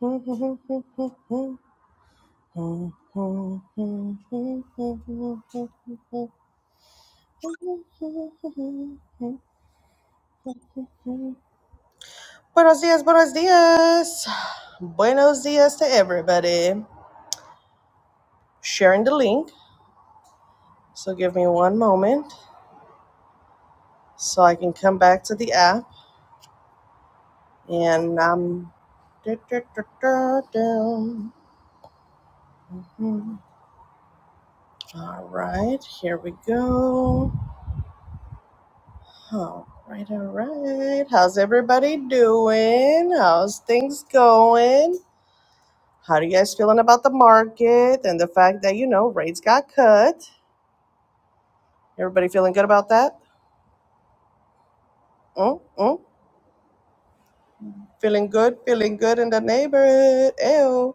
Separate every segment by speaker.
Speaker 1: Buenos dias, buenos dias. Buenos dias to everybody. Sharing the link. So give me one moment so I can come back to the app and um da, da, da, da, da. Mhm. All right, here we go. All right, all right. How's everybody doing? How's things going? How do you guys feeling about the market and the fact that, you know, rates got cut? Everybody feeling good about that? Mm, mm. Feeling good, feeling good in the neighborhood. Ew.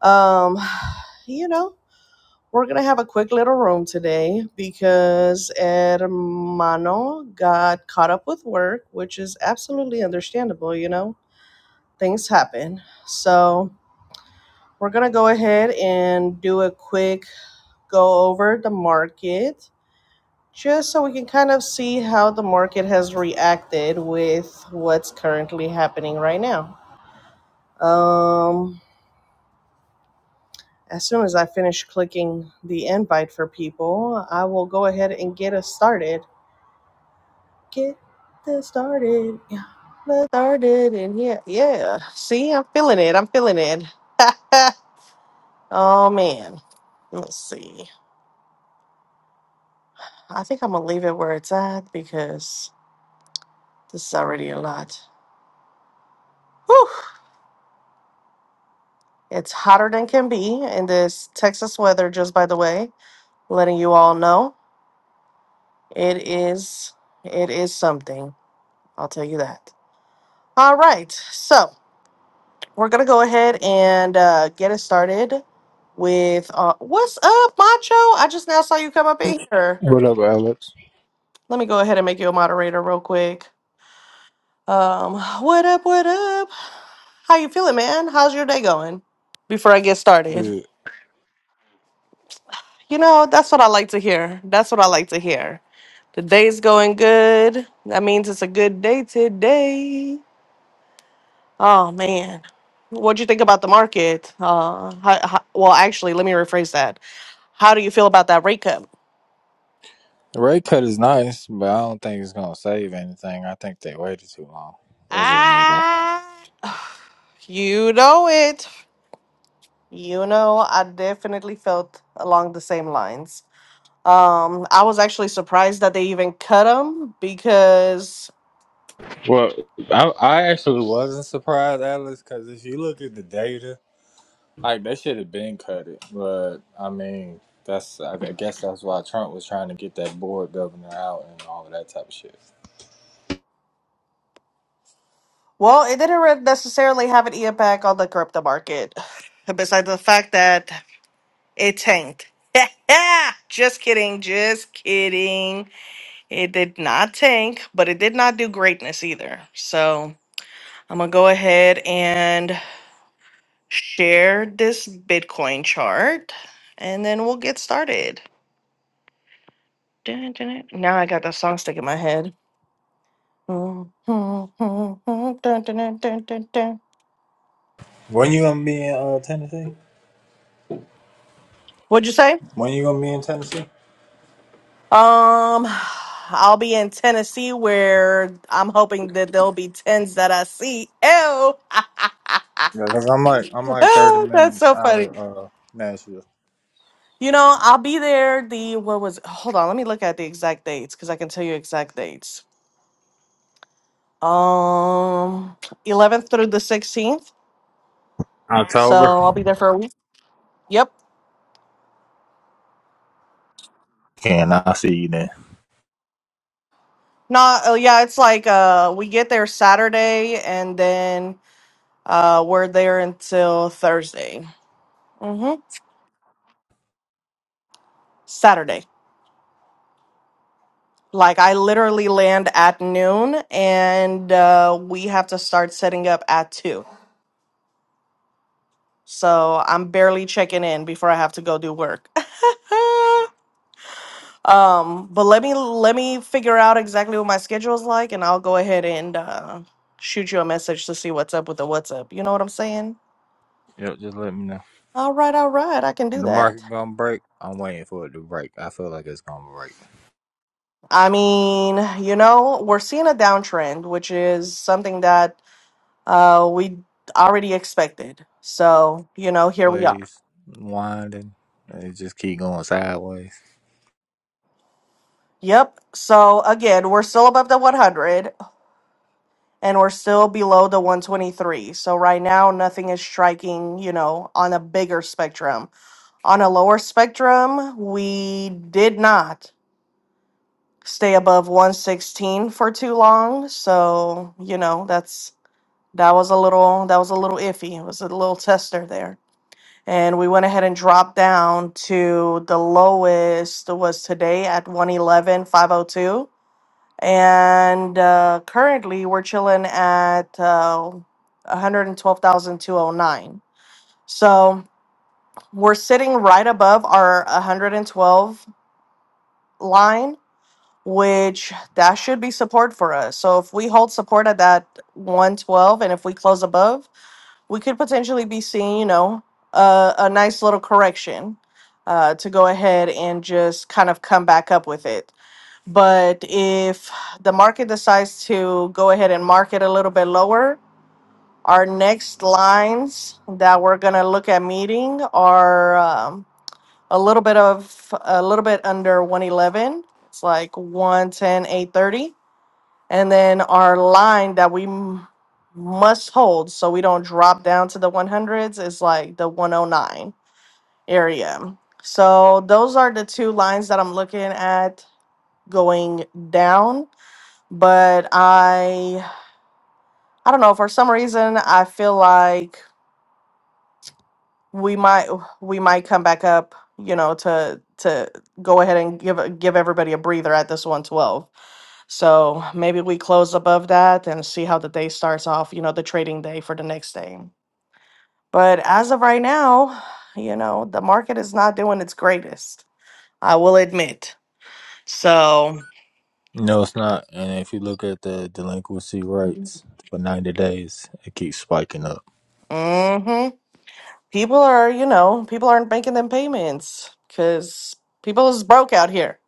Speaker 1: Um, you know, we're going to have a quick little room today because Hermano got caught up with work, which is absolutely understandable, you know? Things happen. So, We're going to go ahead and do a quick go over the market just so we can kind of see how the market has reacted with what's currently happening right now. Um, as soon as I finish clicking the invite for people, I will go ahead and get us started. Get this started. Yeah. Let's started and yeah, yeah. See, I'm feeling it. I'm feeling it. oh man. Let's see. I think I'm gonna leave it where it's at because this is already a lot. Whew. It's hotter than can be in this Texas weather, just by the way, letting you all know. It is it is something. I'll tell you that. All right. So we're gonna go ahead and uh, get it started with uh, what's up, Macho? I just now saw you come up in here.
Speaker 2: What up, Alex?
Speaker 1: Let me go ahead and make you a moderator real quick. Um, what up, what up? How you feeling, man? How's your day going? Before I get started.
Speaker 2: Good.
Speaker 1: You know, that's what I like to hear. That's what I like to hear. The day's going good. That means it's a good day today. Oh man. What'd you think about the market? Uh how, how, well, actually, let me rephrase that. How do you feel about that rate cut?
Speaker 2: The rate cut is nice, but I don't think it's gonna save anything. I think they waited too long. That's just me though.
Speaker 1: Ah, you know it. You know, I definitely felt along the same lines. Um, I was actually surprised that they even cut them because
Speaker 2: Well, I, I actually wasn't surprised, Alex, because if you look at the data, like they should have been cut it. But I mean, that's I I guess that's why Trump was trying to get that board governor out and all of that type of shit.
Speaker 1: Well, it didn't re- necessarily have an impact on the crypto market, besides the fact that it tanked. just kidding, just kidding. It did not tank, but it did not do greatness either. So I'm gonna go ahead and share this Bitcoin chart, and then we'll get started. Dun, dun, dun. Now I got that song stuck in my head.
Speaker 2: When you gonna be in uh, Tennessee?
Speaker 1: What'd you say?
Speaker 2: When you gonna be in Tennessee?
Speaker 1: Um, I'll be in Tennessee where I'm hoping that there'll be tens that I see. Ew.
Speaker 2: Yeah, cause I'm like I'm like thirty
Speaker 1: oh, that's
Speaker 2: minutes
Speaker 1: so
Speaker 2: out
Speaker 1: funny.
Speaker 2: of uh, Nashville.
Speaker 1: You know, I'll be there the what was hold on, let me look at the exact dates because I can tell you exact dates. Um 11th through the 16th. So
Speaker 2: October.
Speaker 1: I'll be there for a week. Yep.
Speaker 2: And I'll see you then.
Speaker 1: No, oh yeah, it's like uh we get there Saturday and then uh we're there until Thursday. Mm-hmm. Saturday. Like I literally land at noon and uh, we have to start setting up at two. So I'm barely checking in before I have to go do work. um, but let me let me figure out exactly what my schedule is like and I'll go ahead and uh, shoot you a message to see what's up with the WhatsApp. You know what I'm saying?
Speaker 2: Yep, just let me know.
Speaker 1: All right, all right, I can do
Speaker 2: The
Speaker 1: that.
Speaker 2: market gonna break. I'm waiting for it to break. I feel like it's gonna break.
Speaker 1: I mean, you know, we're seeing a downtrend, which is something that uh, we already expected. So, you know, here we are.
Speaker 2: Waves winding. It just keep going sideways.
Speaker 1: Yep. So, again, we're still above the 100 and we're still below the 123. So, right now, nothing is striking, you know, on a bigger spectrum. On a lower spectrum, we did not stay above 116 for too long. So, you know, that's that was a little that was a little iffy. It was a little tester there. and we went ahead and dropped down to the lowest was today at 111.502, and uh, currently we're chilling at uh, 112209 so we're sitting right above our 112 line which that should be support for us. So if we hold support at that 112 and if we close above, we could potentially be seeing, you know, a, a nice little correction uh, to go ahead and just kind of come back up with it. But if the market decides to go ahead and market a little bit lower, our next lines that we're going to look at meeting are. um, a little bit of a little bit under 111 it's like one ten eight thirty, and then our line that we m- must hold so we don't drop down to the 100s is like the 109 area so those are the two lines that i'm looking at going down but i i don't know for some reason i feel like we might we might come back up, you know, to to go ahead and give a- give everybody a breather at this 112. So maybe we close above that and see how the day starts off, you know, the trading day for the next day. But as of right now, you know, the market is not doing its greatest. I will admit. So,
Speaker 2: No, it's not. And if you look at the delinquency rates for 90 days, it keeps spiking up.
Speaker 1: hmm people are, you know, people aren't making them payments because people is broke out here.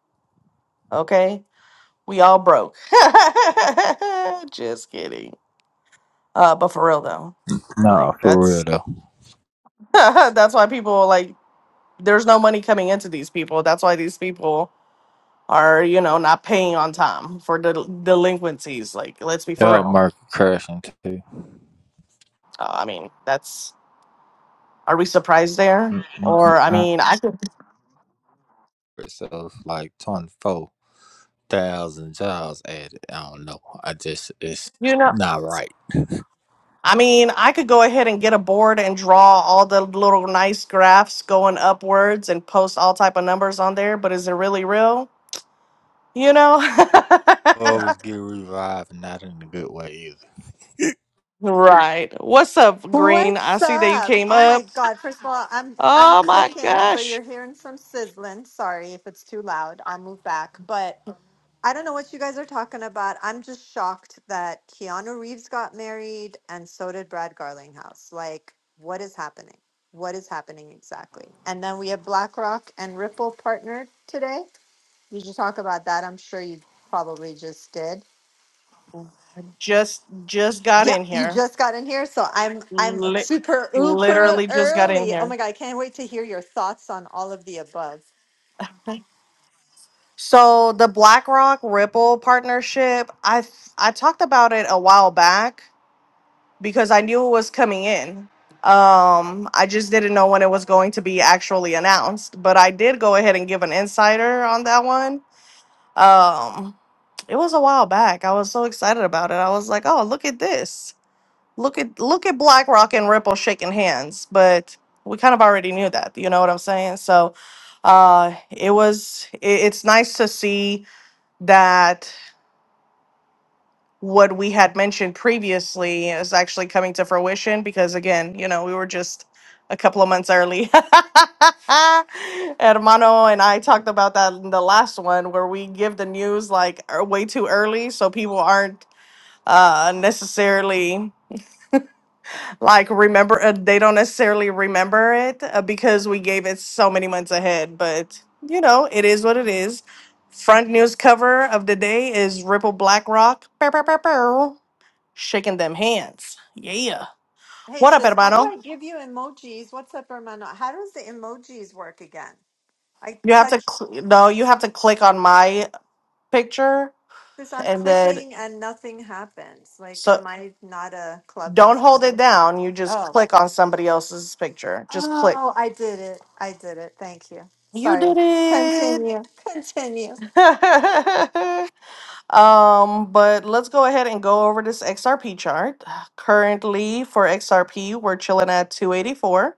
Speaker 1: Okay We all broke. Just kidding. Uh, but for real though,
Speaker 2: Nah,
Speaker 1: like
Speaker 2: for real
Speaker 1: that's
Speaker 2: though.
Speaker 1: that's why people like there's no money coming into these people. That's why these people are you know not paying on time for del- delinquencies. Like let's be for
Speaker 2: Job
Speaker 1: real.
Speaker 2: market crashing too.
Speaker 1: Uh, I mean that's are we surprised there?
Speaker 2: Mm, mm,
Speaker 1: Or I
Speaker 2: mm.
Speaker 1: mean I could
Speaker 2: So it's like 24,000 jobs added. I don't know. I just, it's
Speaker 1: you know.
Speaker 2: not right.
Speaker 1: I mean, I could go ahead and get a board and draw all the little nice graphs going upwards and post all type of numbers on there, but is it really real? You know?
Speaker 2: Always get revived, not in a good way either.
Speaker 1: right. What's up, Green? I
Speaker 3: What's
Speaker 1: see that you
Speaker 3: up?
Speaker 1: came
Speaker 3: Oh my
Speaker 1: up.
Speaker 3: God. First of all, I'm I'm
Speaker 1: Oh my
Speaker 3: cooking, so
Speaker 1: gosh.
Speaker 3: you're hearing some sizzling. Sorry if it's too loud. I'll move back. But I don't know what you guys are talking about. I'm just shocked that Keanu Reeves got married and so did Brad Garlinghouse. Like, what is happening? What is happening exactly? And then we have BlackRock and Ripple partnered today. Did you should talk about that? I'm sure you probably just did.
Speaker 1: Just just got
Speaker 3: Yeah,
Speaker 1: in
Speaker 3: you
Speaker 1: here.
Speaker 3: just got in here, so I'm I'm
Speaker 1: Li-
Speaker 3: super uber
Speaker 1: literally just got in
Speaker 3: early. Oh
Speaker 1: here.
Speaker 3: my god, I can't wait to hear your thoughts on all of the above.
Speaker 1: Okay. So the BlackRock Ripple partnership, I th- I talked about it a while back because I knew it was coming in. Um, I just didn't know when it was going to be actually announced, but I did go ahead and give an insider on that one Um, it was a while back. I was so excited about it. I was like, "Oh, look at this! Look at look at BlackRock and Ripple shaking hands." But we kind of already knew that. You know what I'm saying? So, uh, it was. It, it's nice to see that what we had mentioned previously is actually coming to fruition because again, you know, we were just a couple of months early. Hermano and I talked about that in the last one where we give the news like er- way too early so people aren't uh necessarily like remember uh, they don't necessarily remember it uh, because we gave it so many months ahead, but you know, it is what it is. Front news cover of the day is Ripple BlackRock. Bow, bow, bow, bow shaking them hands. Yeah.
Speaker 3: Hey
Speaker 1: What up,
Speaker 3: sis, how do
Speaker 1: hermano?
Speaker 3: I give you emojis? What's up, hermano? How does the emojis work again? I
Speaker 1: You have to
Speaker 3: touch
Speaker 1: cl- no, you have to click on my picture
Speaker 3: this, I'm
Speaker 1: and then
Speaker 3: clicking and nothing happens. Like,
Speaker 1: so
Speaker 3: am I not a
Speaker 1: don't
Speaker 3: clubhouse
Speaker 1: hold it
Speaker 3: member?
Speaker 1: down. You just
Speaker 3: Oh,
Speaker 1: click on somebody else's picture. Just click.
Speaker 3: oh, I did it. I did it. Thank you.
Speaker 1: You
Speaker 3: Sorry.
Speaker 1: did it.
Speaker 3: Continue. Continue.
Speaker 1: um, but let's go ahead and go over this XRP chart. Currently for XRP, we're chilling at 284.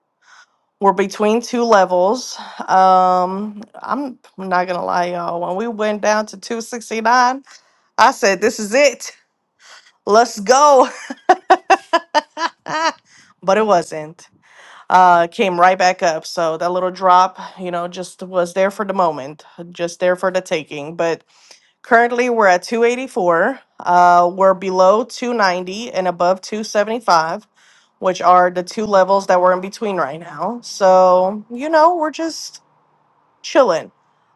Speaker 1: We're between two levels. Um, I'm not gonna lie, y'all. When we went down to 269, I said, "This is it. Let's go." but it wasn't. Uh, came right back up. So that little drop, you know, just was there for the moment, just there for the taking. But currently, we're at 284. Uh, we're below 290 and above 275 which are the two levels that we're in between right now. So, you know, we're just chilling.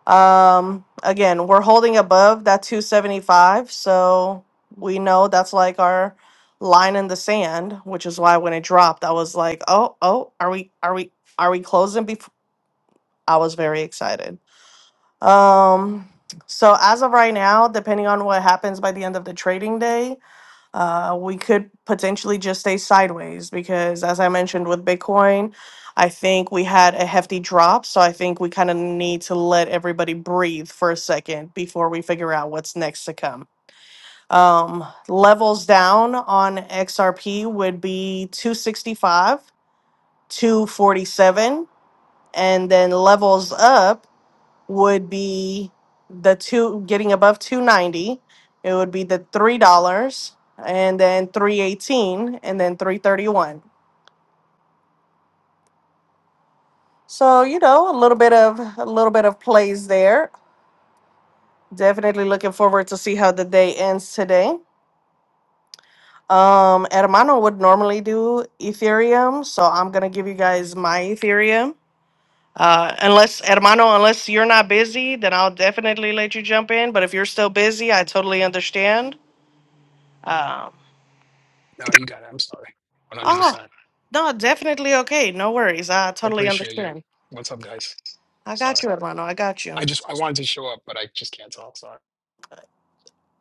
Speaker 1: Um, again, we're holding above that 275, so we know that's like our line in the sand, which is why when it dropped, I was like, "Oh, oh, are we are we are we closing before?" I was very excited. Um, so as of right now, depending on what happens by the end of the trading day, uh, we could potentially just stay sideways because, as I mentioned with Bitcoin, I think we had a hefty drop. So I think we kind of need to let everybody breathe for a second before we figure out what's next to come. Um, levels down on XRP would be 265, 247, and then levels up would be the two getting above 290 it would be the three dollars and then 318 and then 331 so you know a little bit of a little bit of plays there definitely looking forward to see how the day ends today um hermano would normally do ethereum so i'm gonna give you guys my ethereum uh, unless hermano unless you're not busy then i'll definitely let you jump in but if you're still busy i totally understand um,
Speaker 4: No, you got it. I'm sorry. 100%.
Speaker 1: oh,
Speaker 4: I
Speaker 1: No, definitely okay. No worries. I totally
Speaker 4: appreciate you.
Speaker 1: understand.
Speaker 4: What's up, guys?
Speaker 1: I
Speaker 4: Sorry.
Speaker 1: got you, Hermano. I got
Speaker 4: I
Speaker 1: you.
Speaker 4: just I wanted to show up, but I just can't talk. Sorry.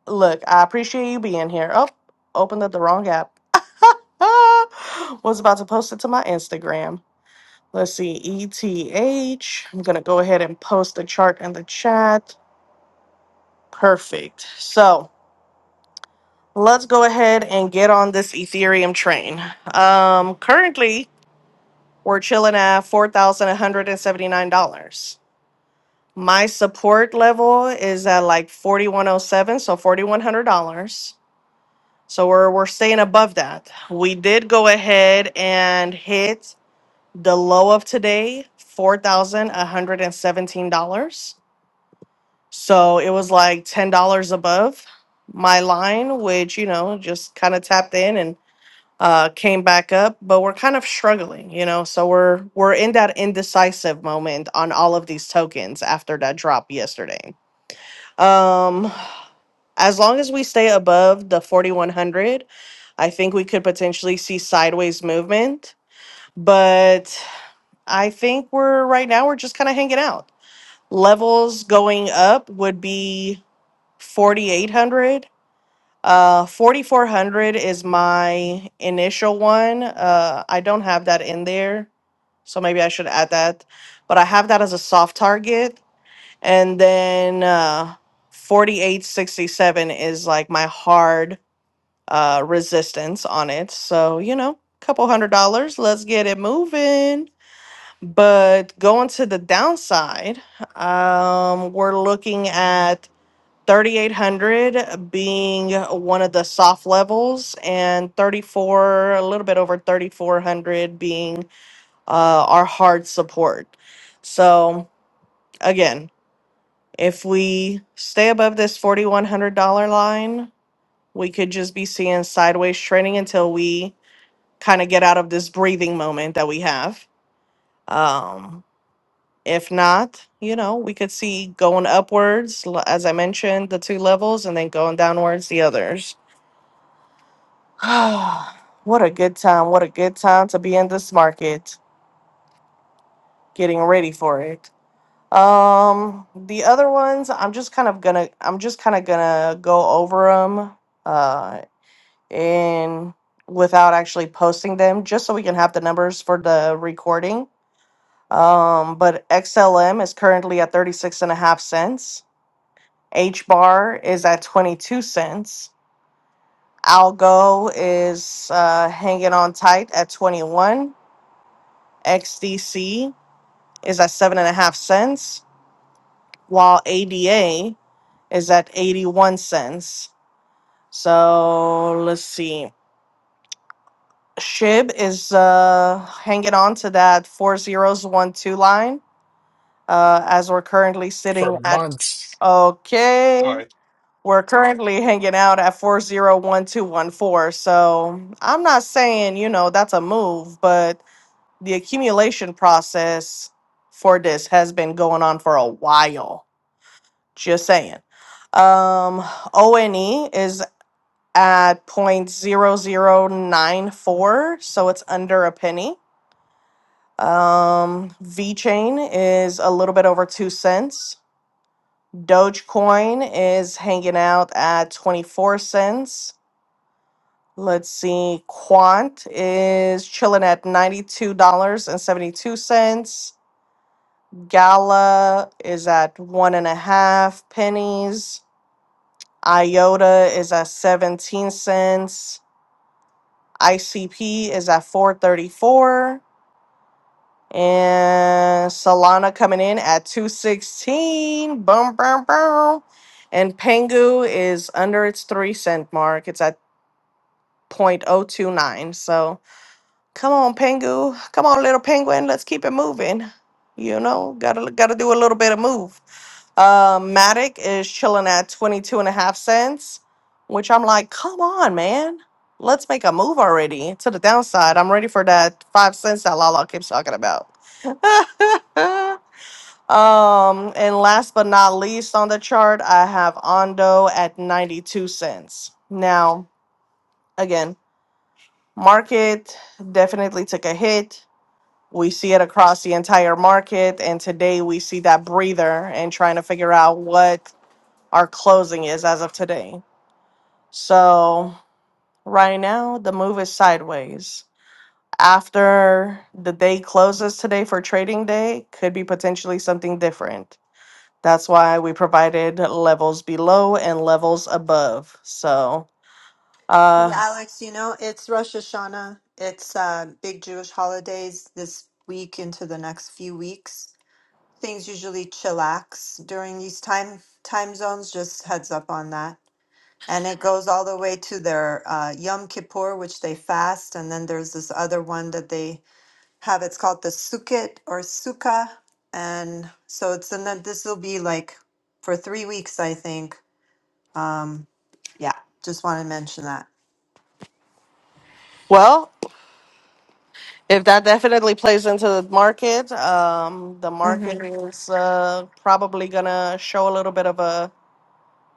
Speaker 1: Look, I appreciate you being here. Oh, opened up the wrong app. Was about to post it to my Instagram. Let's see, ETH. I'm going to go ahead and post the chart in the chat. Perfect. So let's go ahead and get on this Ethereum train. Um, currently, we're chilling at $4,179. My support level is at like forty one oh seven, so forty one hundred dollars. So we're we're staying above that. We did go ahead and hit the low of today, four thousand one hundred and seventeen dollars. So it was like ten dollars above my line, which you know just kind of tapped in and uh, came back up. But we're kind of struggling, you know. So we're we're in that indecisive moment on all of these tokens after that drop yesterday. Um, as long as we stay above the 4100, I think we could potentially see sideways movement. But I think we're right now we're just kind of hanging out. Levels going up would be 4800. Uh, 4400 is my initial one. Uh, I don't have that in there, so maybe I should add that. But I have that as a soft target and then uh, 4867 is like my hard uh, resistance on it. So, you know, couple hundred dollars. Let's get it moving. But going to the downside, um, we're looking at 3800 being one of the soft levels and 34 a little bit over 3400 being uh, our hard support so again if we stay above this $4,100 line, we could just be seeing sideways trading until we kind of get out of this breathing moment that we have. Um, if not, you know, we could see going upwards, l- as I mentioned, the two levels, and then going downwards, the others. what a good time. What a good time to be in this market, getting ready for it. Um, the other ones, I'm just kind of gonna, I'm just kind of gonna go over them and without actually posting them just so we can have the numbers for the recording. Um, but XLM is currently at 36 and a half cents. H bar is at 22 cents. Algo is uh, hanging on tight at 21. XDC is at seven and a half cents, while ADA is at 81 cents. So let's see. Shib is uh, hanging on to that four zeros one two line uh, as we're currently
Speaker 4: For
Speaker 1: sitting at
Speaker 4: months.
Speaker 1: okay.
Speaker 4: All right.
Speaker 1: We're currently hanging out at four zero one two one four. So I'm not saying you know that's a move, but the accumulation process for this has been going on for a while. Just saying. Um, ONE is at point zero zero nine four, so it's under a penny. Um, V Chain is a little bit over two cents. Dogecoin is hanging out at 24 cents. Let's see, Quant is chilling at $92.72. Gala is at one and a half pennies. IOTA is at 17 cents. ICP is at 434. And Solana coming in at 216. Boom, boom, boom. And Pengu is under its three cent mark. It's at 0.029. So Come on, Pengu. Come on, little penguin. Let's keep it moving. You know, gotta gotta do a little bit of move. Um, Matic is chilling at 22 and a half cents, which I'm like, come on, man. Let's make a move already to the downside. I'm ready for that five cents that Lala keeps talking about. um, and last but not least on the chart, I have Ondo at 92 cents. Now, again, market definitely took a hit we see it across the entire market. And today we see that breather and trying to figure out what our closing is as of today. So, right now, the move is sideways. After the day closes today for trading day, could be potentially something different. That's why we provided levels below and levels above. So,
Speaker 3: Hey
Speaker 1: uh,
Speaker 3: Alex, you know, it's Rosh Hashanah. It's uh big Jewish holidays this week into the next few weeks. Things usually chillax during these time time zones, just heads up on that. And it goes all the way to their uh, Yom Kippur, which they fast, and then there's this other one that they have. It's called the Sukkot or Sukkah, and so it's and then this will be like for three weeks, I think. Um, yeah, just want to mention
Speaker 1: well, If that definitely plays into the market, um, the
Speaker 3: that.
Speaker 1: market is uh, probably gonna show a little bit of a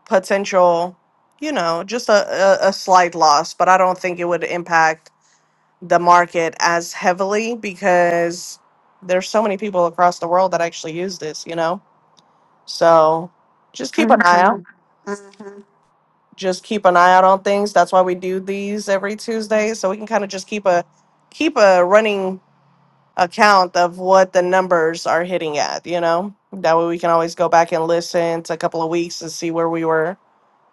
Speaker 1: potential, you know, just a, a, a slight loss. But I don't think it would impact the market as heavily because there's so many people across the world that actually use this, you know. So just keep an eye out.
Speaker 3: Mm-hmm. Mm-hmm.
Speaker 1: Just keep an eye out on things. That's why we do these every Tuesday, so we can kind of just keep a keep a running account of what the numbers are hitting at, you know? That way we can always go back and listen to a couple of weeks and see where we were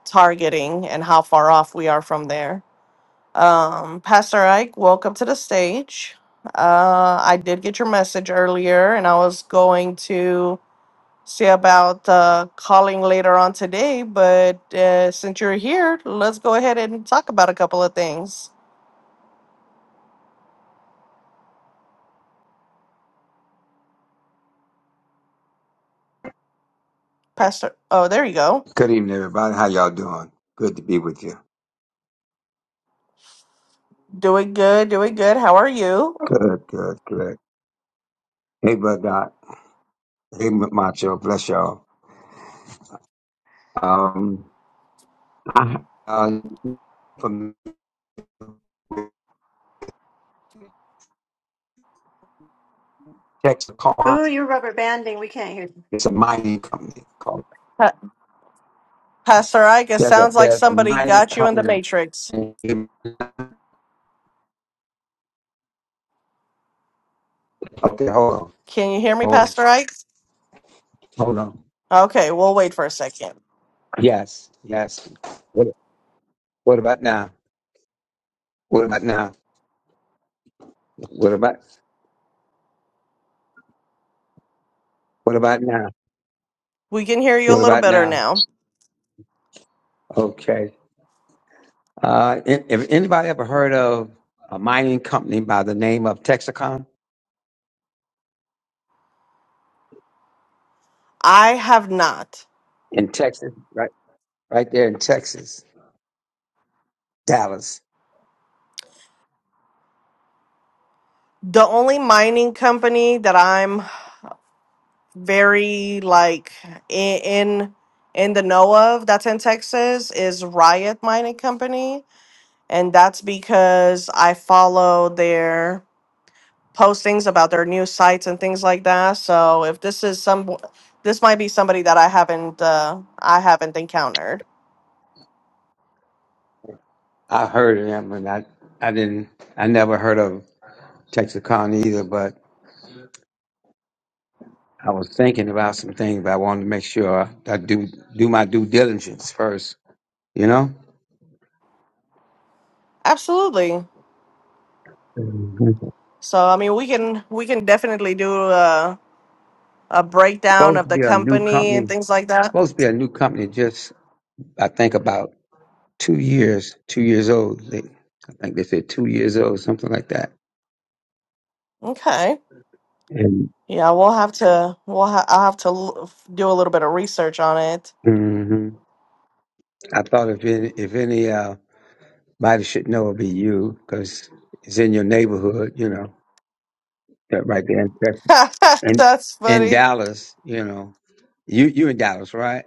Speaker 1: targeting and how far off we are from there. Um, Pastor Ike, welcome to the stage. Uh, I did get your message earlier and I was going to see about uh, calling later on today, but uh, since you're here, let's go ahead and talk about a couple of things. Pastor, oh, there you go.
Speaker 5: Good evening, everybody. How y'all doing? Good to be with you.
Speaker 1: Doing good, doing good. How are you?
Speaker 5: Good, good, good. Hey, Bud Doc. Hey, Macho. Bless y'all. Um, I, uh, from Texas Car,
Speaker 3: Ooh, you're rubber banding. We can't hear you.
Speaker 5: it's a mining company. Called,
Speaker 1: Pastor Ike, it
Speaker 5: there's a
Speaker 1: sounds like
Speaker 5: there's a
Speaker 1: somebody
Speaker 5: mining
Speaker 1: got you in the
Speaker 5: company.
Speaker 1: Matrix.
Speaker 5: Okay, hold on,
Speaker 1: Can you hear me,
Speaker 5: hold on,
Speaker 1: Pastor Ike?
Speaker 5: hold on.
Speaker 1: Okay, we'll wait for a second.
Speaker 5: Yes, yes. What what about now? What about now? What about what about now?
Speaker 1: We can hear you a
Speaker 5: What
Speaker 1: little
Speaker 5: about
Speaker 1: better
Speaker 5: now?
Speaker 1: now.
Speaker 5: Okay. Uh, an- if anybody ever heard of a mining company by the name of Texacom
Speaker 1: I have not.
Speaker 5: in Texas, right, right there in Texas, Dallas,
Speaker 1: The only mining company that I'm very like in in, in the know of that's in Texas is Riot Mining Company, and that's because I follow their postings about their new sites and things like that. So if this is some, this might be somebody that I haven't, uh, I haven't encountered.
Speaker 5: I heard of them, and I, I didn't, I never heard of Texacom either, but I was thinking about some things, but I wanted to make sure I do do my due diligence first, you know.
Speaker 1: Absolutely.
Speaker 5: Mhm.
Speaker 1: So I mean, we can we can definitely do a, a
Speaker 5: It's
Speaker 1: breakdown
Speaker 5: supposed
Speaker 1: of
Speaker 5: to
Speaker 1: the
Speaker 5: be a new
Speaker 1: company and
Speaker 5: company.
Speaker 1: things like
Speaker 5: It's
Speaker 1: that.
Speaker 5: supposed to be a new company. Just I think about two years, two years old. They, I think they said two years old, something like that.
Speaker 1: Okay.
Speaker 5: And
Speaker 1: Yeah, we'll have to we'll ha- I'll have to l- do a little bit of research on it.
Speaker 5: hmm I thought if any, if any uh, body should know, it'd be you because it's in your neighborhood, you know, that right there in Texas. And
Speaker 1: That's
Speaker 5: in
Speaker 1: funny.
Speaker 5: Dallas, you know, you you in Dallas, right?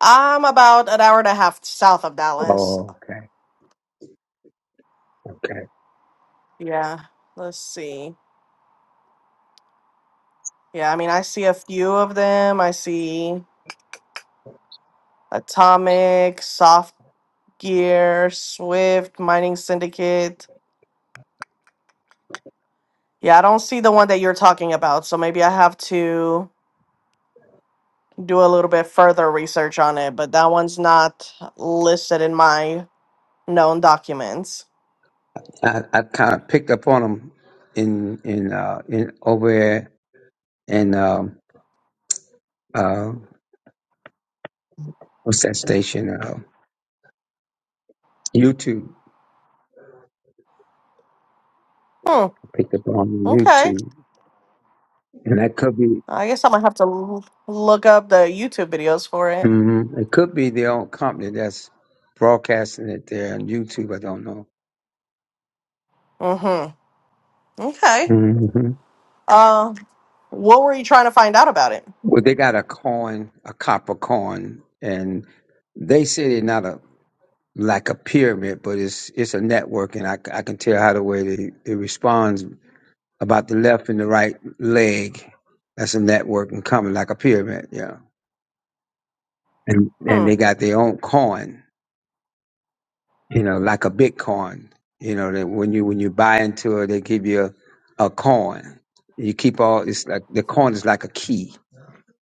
Speaker 1: I'm about an hour and a half south of Dallas.
Speaker 5: Oh, okay, okay.
Speaker 1: Yeah. Let's see. Yeah, I mean, I see a few of them. I see. Atomic, Soft Gear, Swift, Mining Syndicate. Yeah, I don't see the one that you're talking about, so maybe I have to do a little bit further research on it, but that one's not listed in my known documents.
Speaker 5: I, I kind of picked up on them in in uh, in over there in um, uh, what's that station? Uh, YouTube.
Speaker 1: Hmm,
Speaker 5: I picked up on
Speaker 1: okay.
Speaker 5: YouTube, and that could be.
Speaker 1: I guess I'm gonna have to l- look up the YouTube videos for it.
Speaker 5: hmm It could be their own company that's broadcasting it there on YouTube. I don't know.
Speaker 1: Mm-hmm. Okay.
Speaker 5: hmm
Speaker 1: Uh, what were you trying to find out about it?
Speaker 5: Well, they got a coin, a copper coin, and they said it's not a like a pyramid, but it's it's a network, and I, c- I can tell how the way that it responds about the left and the right leg. That's a network and coming like a pyramid, yeah. And and
Speaker 1: Hmm.
Speaker 5: they got their own coin. you know, like a Bitcoin. You know, that when you when you buy into it, they give you a, a coin. You keep all it's like the coin is like a key.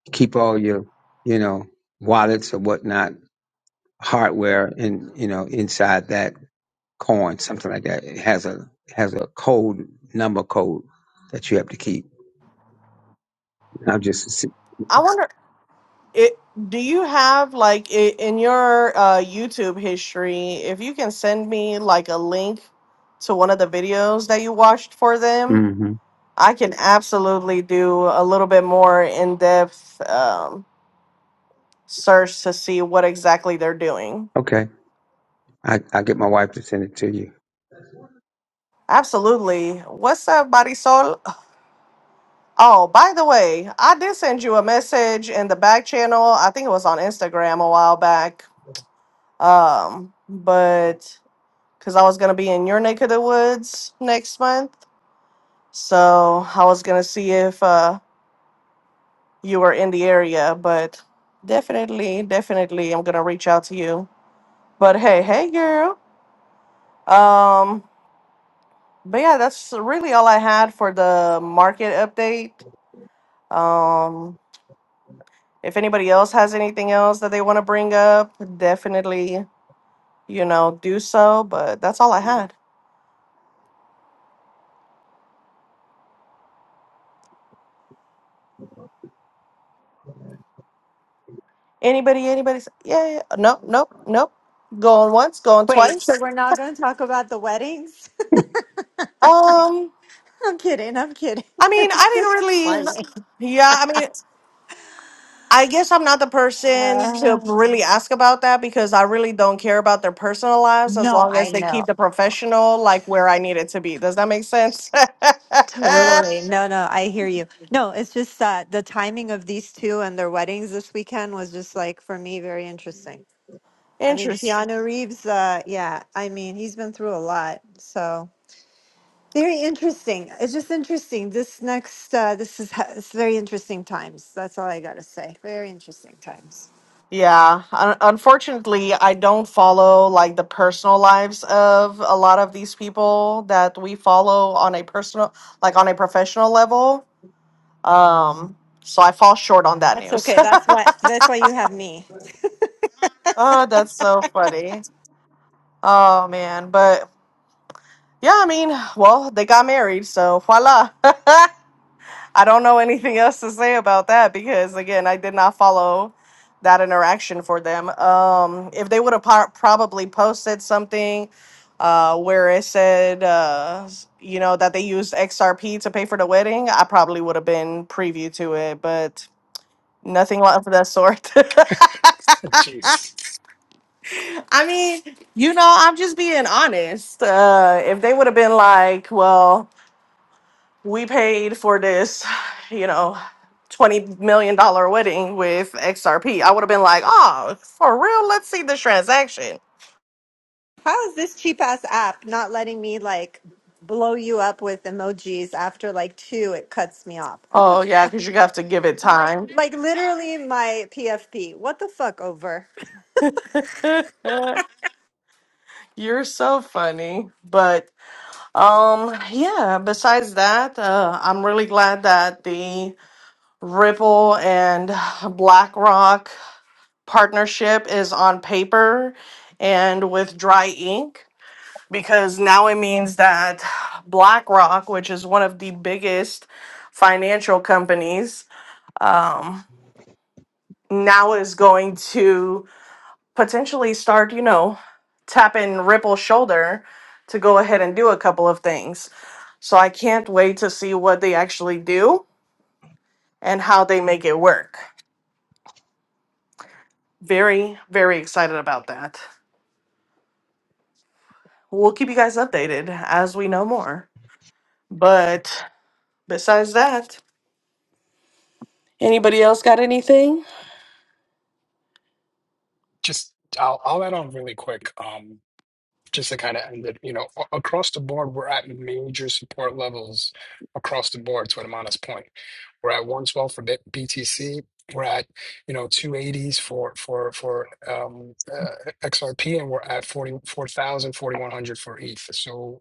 Speaker 5: You keep all your you know wallets or whatnot hardware in you know inside that coin, something like that. It has a it has a code number code that you have to keep. I'm just
Speaker 1: I wonder. It do you have like i in your uh, YouTube history? If you can send me like a link to one of the videos that you watched for them,
Speaker 5: mm-hmm.
Speaker 1: I can absolutely do a little bit more in depth um, search to see what exactly they're doing.
Speaker 5: okay. I I get my wife to send it to you.
Speaker 1: Absolutely. What's up, Marisol? Oh, by the way, I did send you a message in the back channel. I think it was on Instagram a while back. Um, but because I was gonna be in your neck of the woods next month. So I was gonna see if uh, you were in the area, but definitely, definitely, I'm gonna reach out to you. But hey, hey, girl. Um, but yeah, that's really all I had for the market update. Um, if anybody else has anything else that they want to bring up, definitely, you know, do so. But that's all I had. Anybody, anybody? s- Yeah, yeah. yeah, Nope, nope, nope. Going once, going
Speaker 3: Wait,
Speaker 1: twice.
Speaker 3: so we're not going to talk about the weddings?
Speaker 1: Um,
Speaker 3: I'm kidding. I'm kidding.
Speaker 1: I
Speaker 3: It
Speaker 1: mean,
Speaker 3: was
Speaker 1: I
Speaker 3: just
Speaker 1: didn't really.
Speaker 3: funny.
Speaker 1: Yeah, I mean, I guess I'm not the person to
Speaker 3: Uh,
Speaker 1: really ask about that because I really don't care about their personal lives as
Speaker 3: no,
Speaker 1: long as
Speaker 3: I
Speaker 1: they
Speaker 3: know.
Speaker 1: keep the professional like where I need it to be. Does that make sense?
Speaker 3: Totally. No, no, I hear you. No, it's just that the timing of these two and their weddings this weekend was just like, for me, very interesting. I mean,
Speaker 1: Interest.
Speaker 3: Keanu Reeves, uh, yeah, I mean, he's been through a lot. So. Very interesting. It's just interesting. This next, uh, this is ha- it's very interesting times. That's all I gotta say. Very interesting times.
Speaker 1: Yeah, un- unfortunately, I don't follow like the personal lives of a lot of these people that we follow on a personal, like on a professional level. Um, so I fall short on that
Speaker 3: That's
Speaker 1: news.
Speaker 3: okay. That's why. That's why you have me.
Speaker 1: Oh, that's so funny. Oh man, but yeah, I mean, well, they got married, so voila. I don't know anything else to say about that because again, I did not follow that interaction for them. Um, if they would have po- probably posted something uh, where it said, uh, s- you know, that they used XRP to pay for the wedding, I probably would have been preview to it, but nothing of that sort.
Speaker 4: Jeez.
Speaker 1: I mean, you know, I'm just being honest. Uh, if they would have been like, well, we paid for this, you know, $20 million dollar wedding with XRP, I would have been like, oh, for real? Let's see the transaction.
Speaker 3: How is this cheap ass app not letting me like blow you up with emojis after like two? It cuts me off. What the
Speaker 1: Oh, yeah,
Speaker 3: fuck?
Speaker 1: because you have to give it time.
Speaker 3: Like literally my PFP. What the fuck over?
Speaker 1: You're so funny. But um yeah, besides that, uh, I'm really glad that the Ripple and BlackRock partnership is on paper and with dry ink because now it means that BlackRock, which is one of the biggest financial companies, um, now is going to potentially start, you know, tapping Ripple's shoulder to go ahead and do a couple of things. So I can't wait to see what they actually do and how they make it work. Very, very excited about that. We'll keep you guys updated as we know more. But besides that, Anybody else got anything?
Speaker 4: Just I'll I'll add on really quick. Um, just to kind of end it. You know, a- across the board, we're at major support levels across the board. To Amana's point, we're at 112 for B- BTC. We're at you know 280s for for for um, uh, XRP, and we're at 40 4,100 for ETH. So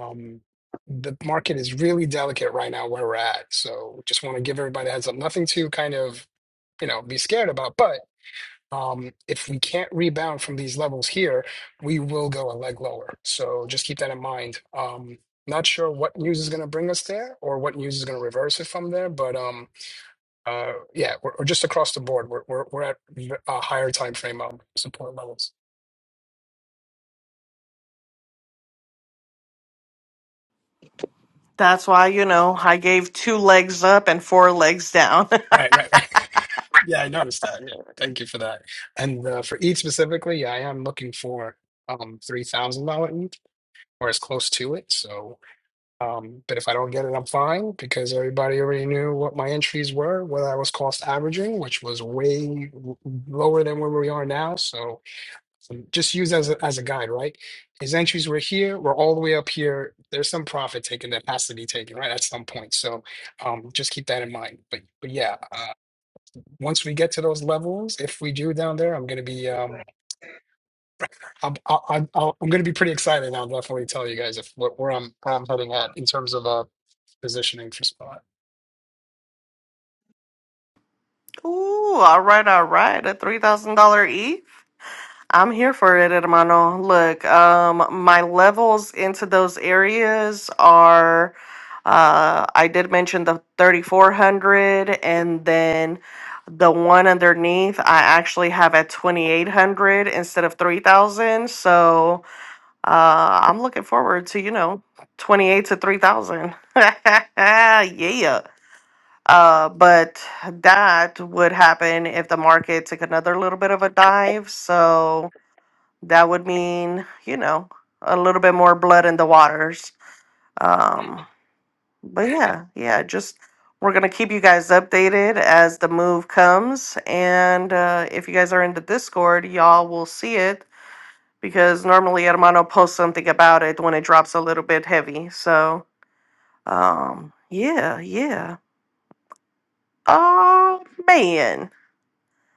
Speaker 4: Um, the market is really delicate right now where we're at. So just want to give everybody a heads up. Nothing to kind of, you know, be scared about. But um, if we can't rebound from these levels here, we will go a leg lower. So just keep that in mind. Um, not sure what news is going to bring us there or what news is going to reverse it from there. But um, uh, yeah, we're, we're just across the board. We're, we're, we're at a higher time frame of support levels.
Speaker 1: that's why, you know, I gave two legs up and four legs down.
Speaker 4: Right, right, right. Yeah, I noticed that. Yeah. Thank you for that. And uh, for ETH specifically, yeah, I am looking for um three thousand dollar ETH or as close to it. So, um, but if I don't get it, I'm fine because everybody already knew what my entries were, what I was cost averaging, which was way w- lower than where we are now. So, um, just use as a, as a guide, right? His entries were here, we're all the way up here. There's some profit taken that has to be taken, right, at some point. So, um, just keep that in mind. But but yeah, uh, once we get to those levels, if we do down there, I'm gonna be um I'm I, I'm I'll- I'm gonna be pretty excited. I'll definitely tell you guys if what where I'm where I'm heading at in terms of uh positioning for spot.
Speaker 1: Ooh, all right, all right. A $3,000 E? I'm here for it, hermano. Look, um, my levels into those areas are, uh, I did mention the 3,400 and then the one underneath, I actually have at 2,800 instead of 3,000. So, Uh, I'm looking forward to, you know, 28 to 3,000. Yeah. Uh, but that would happen if the market took another little bit of a dive. So that would mean, you know, a little bit more blood in the waters. Um, but yeah, yeah, just we're going to keep you guys updated as the move comes. And uh, if you guys are in the Discord, y'all will see it because normally Hermano posts something about it when it drops a little bit heavy. So, um, yeah, yeah. Oh man.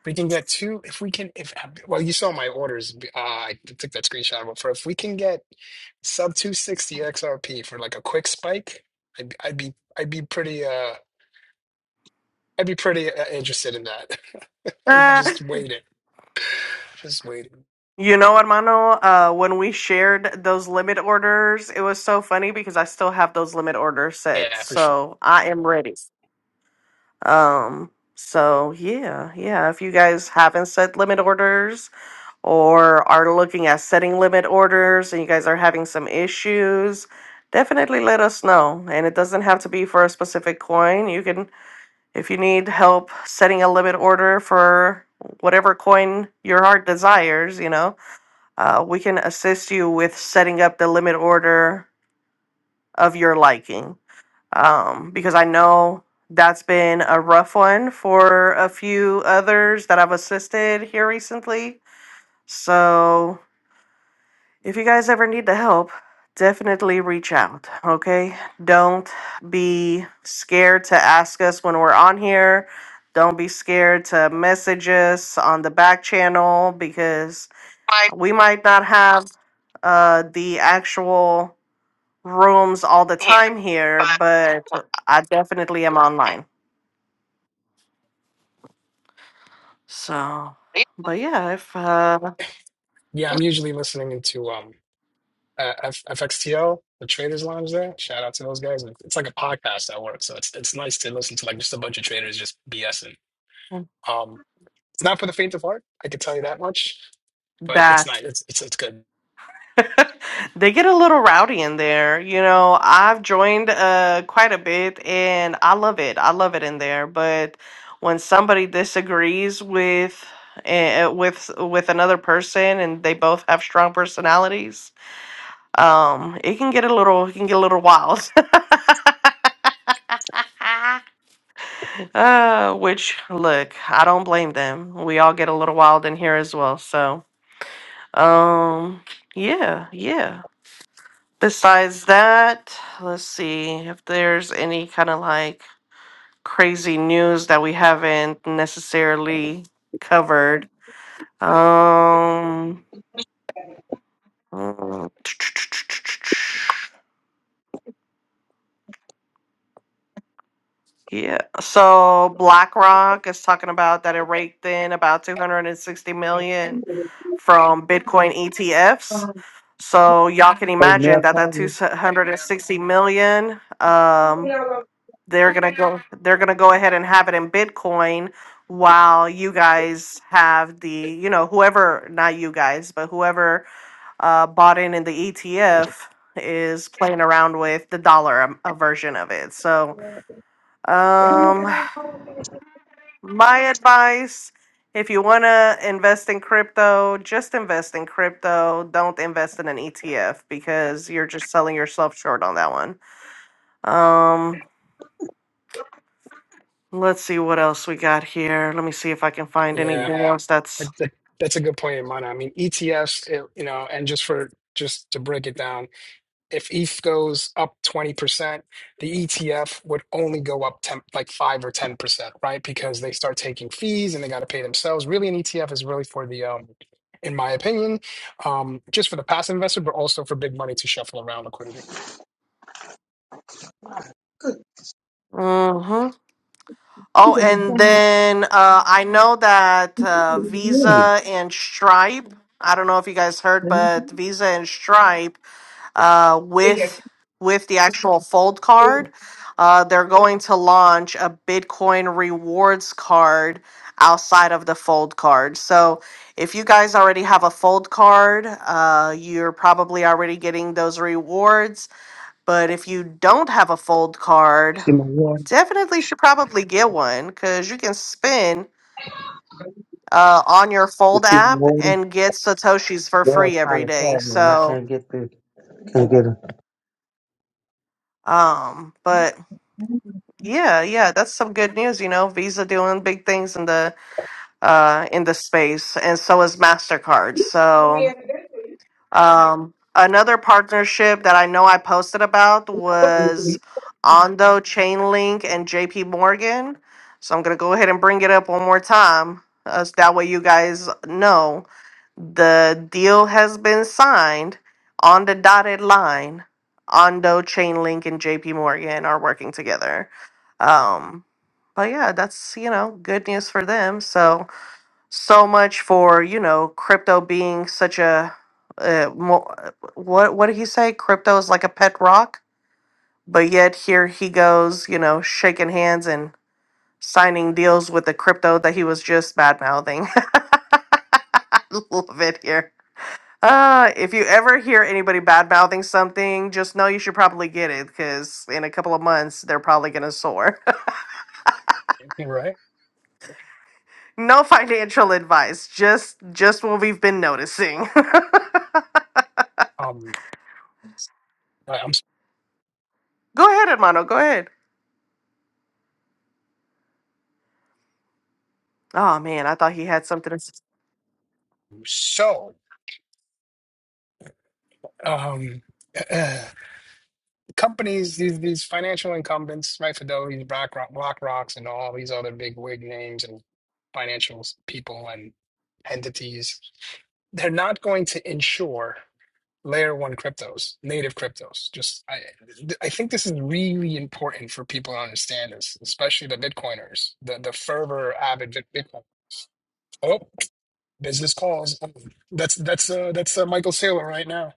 Speaker 4: We can get two if we can if well you saw my orders uh, I took that screenshot but for if we can get sub 260 XRP for like a quick spike, I'd, be- I'd be I'd be pretty uh I'd be pretty uh, interested in that. I'm
Speaker 1: Uh,
Speaker 4: just waiting, just waiting.
Speaker 1: you know, Hermano, uh, when we shared those limit orders, it was so funny because I still have those limit orders set.
Speaker 4: Yeah, for sure.
Speaker 1: So I am ready. Um, so yeah, yeah. If you guys haven't set limit orders, or are looking at setting limit orders and you guys are having some issues, definitely let us know. And it doesn't have to be for a specific coin. You can, if you need help setting a limit order for whatever coin your heart desires, you know, uh, we can assist you with setting up the limit order of your liking. Um, because I know that's been a rough one for a few others that I've assisted here recently. So If you guys ever need the help, definitely reach out, okay? Don't be scared to ask us when we're on here. Don't be scared to message us on the back channel because
Speaker 5: Right
Speaker 1: we might not have uh, the actual rooms all the
Speaker 5: here,
Speaker 1: time here, but I definitely am online. So, but yeah, if uh,
Speaker 4: Yeah, I'm usually listening into um. uh, F- FXTL, the Traders Lounge there. Shout out to those guys. It- It's like a podcast at work, so it's it's nice to listen to like just a bunch of traders just BSing. Um, it's not for the faint of heart, I can tell you that much, but it's
Speaker 1: that.
Speaker 4: not. It's it's it's good.
Speaker 1: they get a little rowdy in there. You know, I've joined uh quite a bit and I love it. I love it in there, but when somebody disagrees with eh, eh, with with another person and they both have strong personalities, um it can get a little it can get a little wild. Uh, which look, I don't blame them. We all get a little wild in here as well. So, um, yeah, yeah. Besides that, let's see if there's any kind of like crazy news that we haven't necessarily covered. Um, mm, yeah. So BlackRock is talking about that it raked in about 260 million from Bitcoin ETFs.
Speaker 5: but
Speaker 1: So y'all can imagine that that 260 million. um they're gonna go they're gonna go ahead and have it in Bitcoin while you guys have the you know whoever not you guys but whoever uh, bought in in the ETF is playing around with the dollar um, a version of it. So um, my advice. If you want to invest in crypto, just invest in crypto. Don't invest in an ETF because you're just selling yourself short on that one. Um, Let's see what else we got here. Let me see if I can find
Speaker 4: Yeah,
Speaker 1: anything else that's.
Speaker 4: that, that- that's a good point, Mana. I mean ETFs, it, you know, and just for just to break it down. if ETH goes up 20%, the ETF would only go up 10, like 5 or 10%, right? Because they start taking fees and they got to pay themselves. Really, an ETF is really for the, um, in my opinion, um, just for the passive investor, but also for big money to shuffle around liquidity,
Speaker 1: hmm Oh, and then uh, I know that uh, Visa and Stripe. I don't know if you guys heard, but Visa and Stripe uh, with
Speaker 5: See
Speaker 1: with the actual Fold card, uh, they're going to launch a Bitcoin rewards card outside of the Fold card. So if you guys already have a fold card, uh, you're probably already getting those rewards But if you don't have a fold card,
Speaker 5: my water?
Speaker 1: definitely should probably get one because you can spin uh, on your
Speaker 5: You
Speaker 1: fold
Speaker 5: see my
Speaker 1: app
Speaker 5: water?
Speaker 1: and get Satoshis for
Speaker 5: Yeah, it's
Speaker 1: free
Speaker 5: kind
Speaker 1: every
Speaker 5: of
Speaker 1: day.
Speaker 5: sad, man. I
Speaker 1: So,
Speaker 5: can't get through. Can't get
Speaker 1: um, but yeah, yeah, that's some good news. You know, Visa doing big things in the uh, in the space, and so is Mastercard. So Um, another partnership that I know I posted about
Speaker 5: it.
Speaker 1: was Ondo, Chainlink, and JP Morgan. So I'm going to go ahead and bring it up one more time. Uh, so that way you guys know the deal has been signed on the dotted line. Ondo, Chainlink, and JP Morgan are working together. Um, but yeah, that's, you know, good news for them. So so much for you know crypto being such a uh, mo- uh, what what did he say crypto is like a pet rock but yet here he goes you know shaking hands and signing deals with the crypto that he was just bad mouthing i love it here uh if you ever hear anybody bad mouthing something just know you should probably get it because in a couple of months they're probably gonna soar
Speaker 4: right?
Speaker 1: no financial advice just just what we've been noticing
Speaker 4: Um, I- I'm
Speaker 1: go ahead hermano go ahead Oh man, I thought he had something. to s-
Speaker 4: so, um, uh, companies, these, these financial incumbents, right? Fidelity, BlackRock, BlackRock's, and all these other big wig names and financials, people and entities they're not going to insure layer one cryptos, native cryptos. Just I I think this is really important for people to understand this, especially the Bitcoiners, the the fervor avid Bit- Bitcoin. Oh, business calls. That's that's uh that's uh, Michael Saylor right now.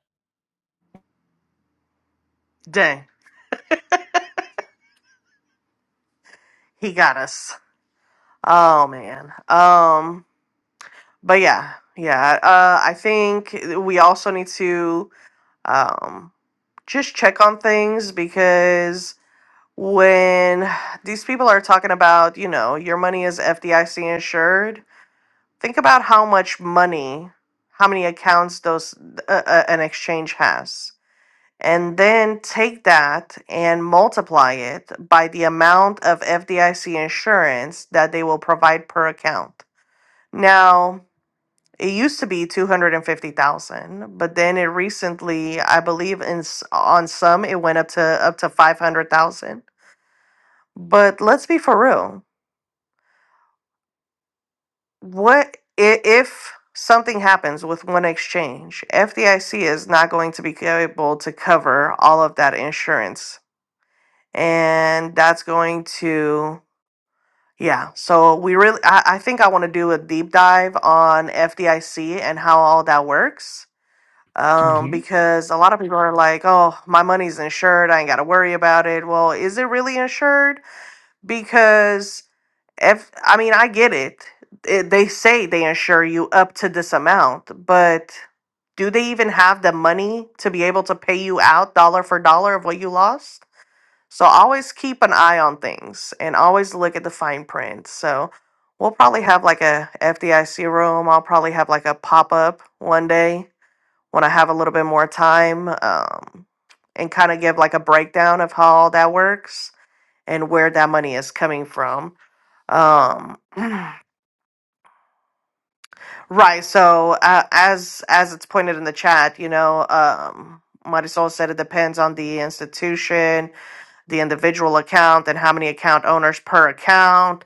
Speaker 1: Dang, he got us. Oh man. Um, but yeah, yeah. Uh, I think we also need to um just check on things because when these people are talking about, you know, your money is FDIC insured, think about how much money, how many accounts those uh, uh, an exchange has and then take that and multiply it by the amount of FDIC insurance that they will provide per account. Now, it used to be 250,000, but then it recently, I believe in s- on some it went up to up to 500,000. But let's be for real. What i- if something happens with one exchange? FDIC is not going to be able to cover all of that insurance and that's going to yeah so we really i, I think i want to do a deep dive on fdic and how all that works um
Speaker 4: hmm
Speaker 1: because a lot of people are like oh my money's insured i ain't got to worry about it well is it really insured because if i mean i get it. it they say they insure you up to this amount but do they even have the money to be able to pay you out dollar for dollar of what you lost so always keep an eye on things and always look at the fine print. So we'll probably have like a FDIC room. I'll probably have like a pop up one day when I have a little bit more time um, and kind of give like a breakdown of how all that works and where that money is coming from. Um, right. So uh, as as it's pointed in the chat, you know, um, Marisol said it depends on the institution the individual account and how many account owners per account.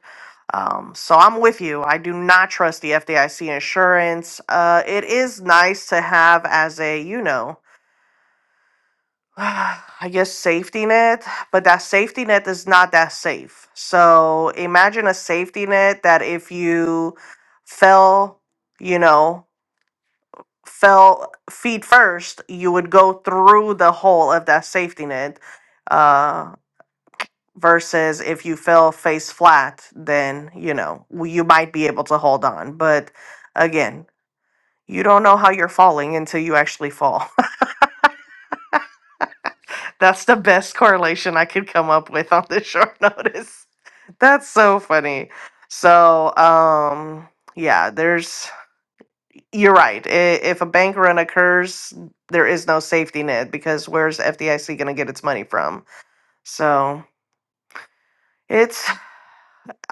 Speaker 1: Um, so I'm with you. I do not trust the FDIC insurance. Uh, it is nice to have as a, you know, I guess safety net, but that safety net is not that safe. So imagine a safety net that if you fell, you know, fell feet first, you would go through the hole of that safety net Uh, versus if you fell face flat, then, you know, w- you might be able to hold on. But again, you don't know how you're falling until you actually fall. That's the best correlation I could come up with on this short notice. That's so funny. So, um, yeah, there's, you're right. I- If a bank run occurs, there is no safety net because where's FDIC going to get its money from? So, it's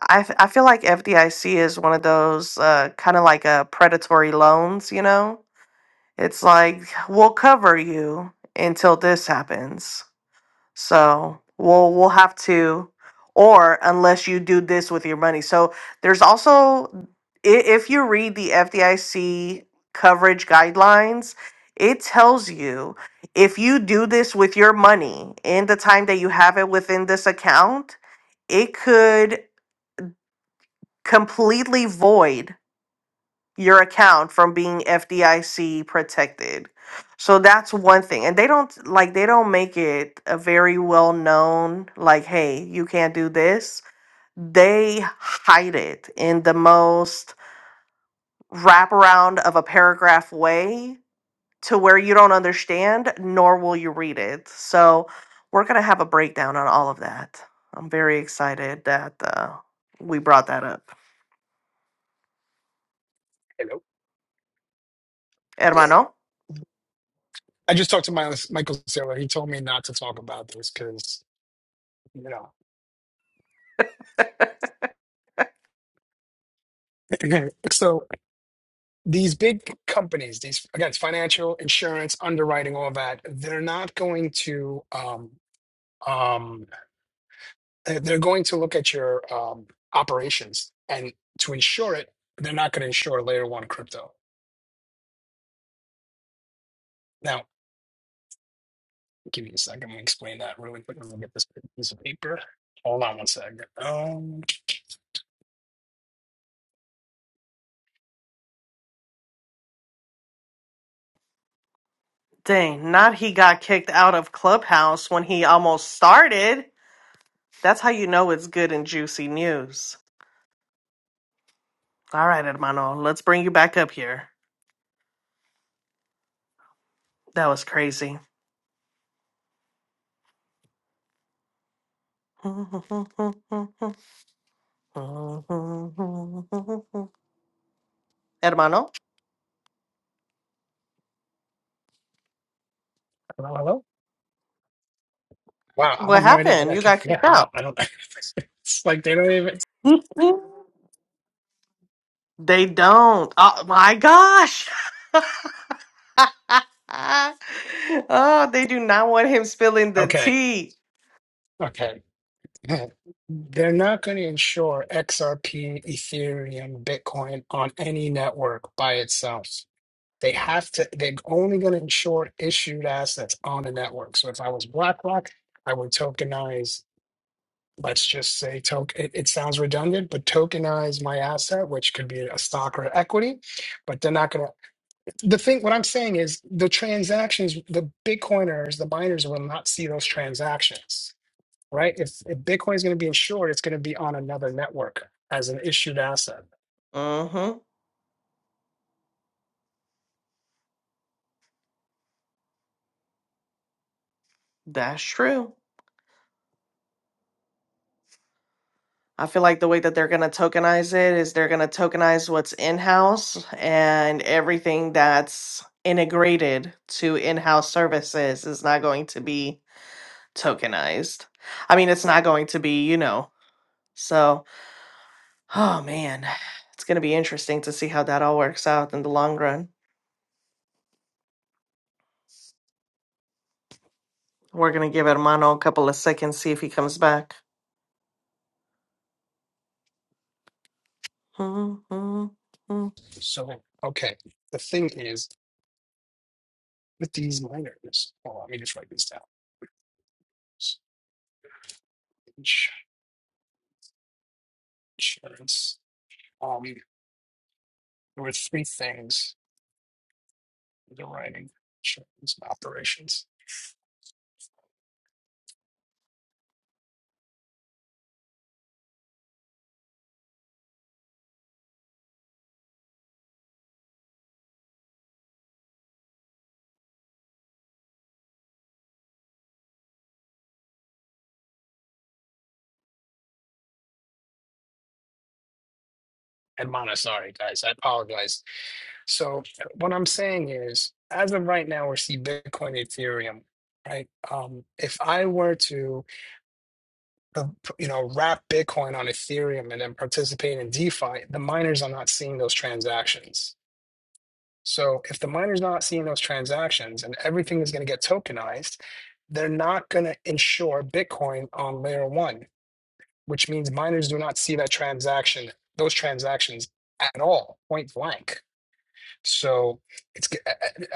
Speaker 1: I, f- I feel like FDIC is one of those uh, kind of like a predatory loans, you know? It's like we'll cover you until this happens. So we'll we'll have to or unless you do this with your money. So there's also i- if you read the FDIC coverage guidelines, it tells you if you do this with your money in the time that you have it within this account, it could completely void your account from being FDIC protected. So that's one thing. And they don't like they don't make it a very well known like hey, you can't do this. They hide it in the most wraparound of a paragraph way to where you don't understand nor will you read it. So we're going to have a breakdown on all of that. I'm very excited that uh, we brought that up.
Speaker 4: Hello. Yeah.
Speaker 1: Hermano?
Speaker 4: I just talked to my Michael Saylor. He told me not to talk about this because you know. Okay. so these big companies, these again, it's financial, insurance, underwriting, all that, they're not going to. Um, um, they're they're going to look at your um, operations and to insure it, they're not going to insure layer one crypto. Now, give me a second. Let me explain that really quick. Let me get this piece of paper. Hold on one second. Um,
Speaker 1: Dang, not he got kicked out of Clubhouse when he almost started. That's how you know it's good and juicy news. All right, hermano, let's bring you back up here. That was crazy. Hermano,
Speaker 4: hello, hello. Wow, I
Speaker 1: what
Speaker 4: have no idea. I
Speaker 1: happened? You
Speaker 4: got
Speaker 1: got
Speaker 4: yeah,
Speaker 1: kicked
Speaker 4: I know.
Speaker 1: out.
Speaker 4: I don't. it's like they don't even.
Speaker 1: they don't. Oh my gosh. oh, they do not want him spilling the
Speaker 4: Okay,
Speaker 1: tea.
Speaker 4: okay. They're not going to insure XRP, Ethereum, Bitcoin on any network by itself. They have to, they're only going to insure issued assets on the network. So if I was BlackRock, I would tokenize, let's just say token, it, it sounds redundant, but tokenize my asset, which could be a stock or equity, but they're not going to, the thing, what I'm saying is the transactions, the Bitcoiners, the miners will not see those transactions, right? If, if Bitcoin is going to be insured, it's going to be on another network as an issued asset.
Speaker 1: Mm-hmm. That's true. I feel like the way that they're going to tokenize it is they're going to tokenize what's in house and everything that's integrated to in house services is not going to be tokenized. I mean, it's not going to be, you know. So, oh man, it's going to be interesting to see how that all works out in the long run. We're going to give Hermano a couple of seconds, see if he comes back.
Speaker 4: So, okay. The thing is, with these miners, hold let me just write this down. Ins- Insurance. Um, there were three things: the writing, insurance, and operations. And Montessori, guys, I apologize. So what I'm saying is, as of right now, we see Bitcoin, Ethereum, right? Um, if I were to, uh, you know, wrap Bitcoin on Ethereum and then participate in DeFi, the miners are not seeing those transactions. So if the miner's not seeing those transactions and everything is going to get tokenized, they're not going to insure Bitcoin on layer one, which means miners do not see that transaction, those transactions at all, point blank. So it's I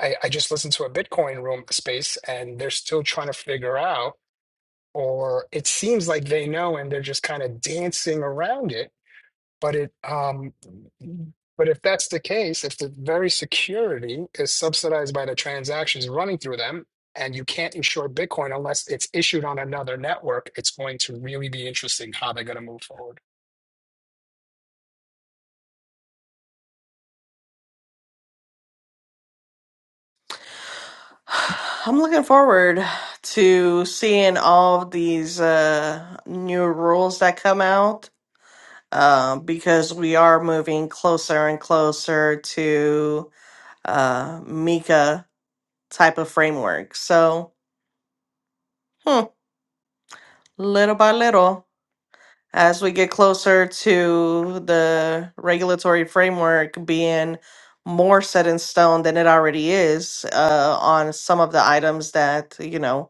Speaker 4: I just listened to a Bitcoin room space and they're still trying to figure out, or it seems like they know and they're just kind of dancing around it but it, um, but if that's the case, if the very security is subsidized by the transactions running through them, and you can't insure Bitcoin unless it's issued on another network, it's going to really be interesting how they're going to move forward.
Speaker 1: I'm looking forward to seeing all of these uh, new rules that come out uh, because we are moving closer and closer to uh, Mika type of framework. So, hmm, little by little, as we get closer to the regulatory framework being more set in stone than it already is uh, on some of the items that, you know,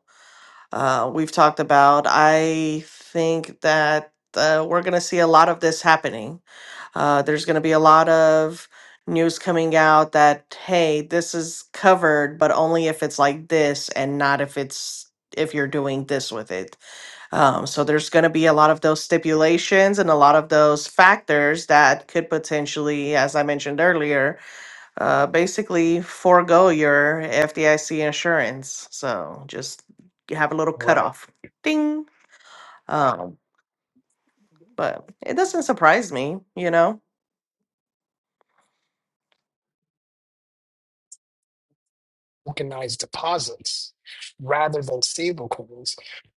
Speaker 1: uh, we've talked about. I think that uh, we're going to see a lot of this happening. Uh, there's going to be a lot of news coming out that, hey, this is covered, but only if it's like this and not if it's if you're doing this with it. Um, so there's going to be a lot of those stipulations and a lot of those factors that could potentially, as I mentioned earlier, uh, basically forego your FDIC insurance. So just have a little
Speaker 4: Right.
Speaker 1: cutoff. Ding. Um, but it doesn't surprise me, you know?
Speaker 4: Tokenized deposits rather than stable coins.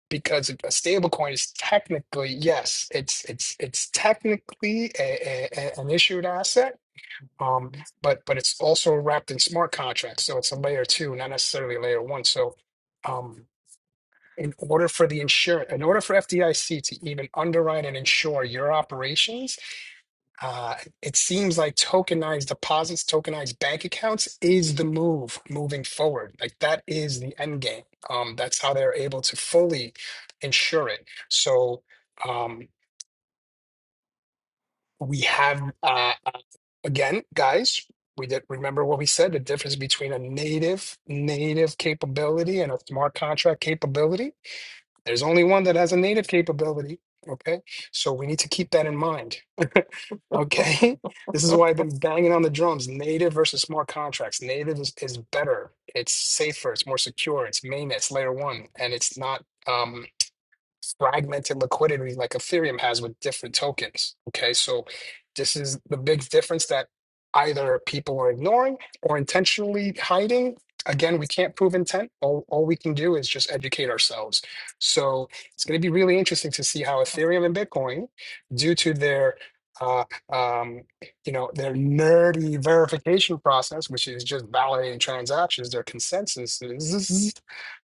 Speaker 4: Because a stable coin is technically, yes, it's it's it's technically a, a, a- an issued asset Um, but but it's also wrapped in smart contracts, so it's a layer two, not necessarily layer one. So, um, in order for the insurance, in order for FDIC to even underwrite and insure your operations, uh, it seems like tokenized deposits, tokenized bank accounts is the move moving forward. Like that is the end game. Um, that's how they're able to fully insure it. So. Um, we have uh, uh, again guys we did remember what we said the difference between a native native capability and a smart contract capability there's only one that has a native capability okay so we need to keep that in mind okay this is why i've been banging on the drums native versus smart contracts native is, is better it's safer it's more secure it's mainnet it's layer one and it's not um fragmented liquidity like Ethereum has with different tokens. Okay, so this is the big difference that either people are ignoring or intentionally hiding. Again, we can't prove intent. All, all we can do is just educate ourselves. So it's going to be really interesting to see how Ethereum and Bitcoin, due to their uh, um, you know their nerdy verification process, which is just validating transactions, their consensus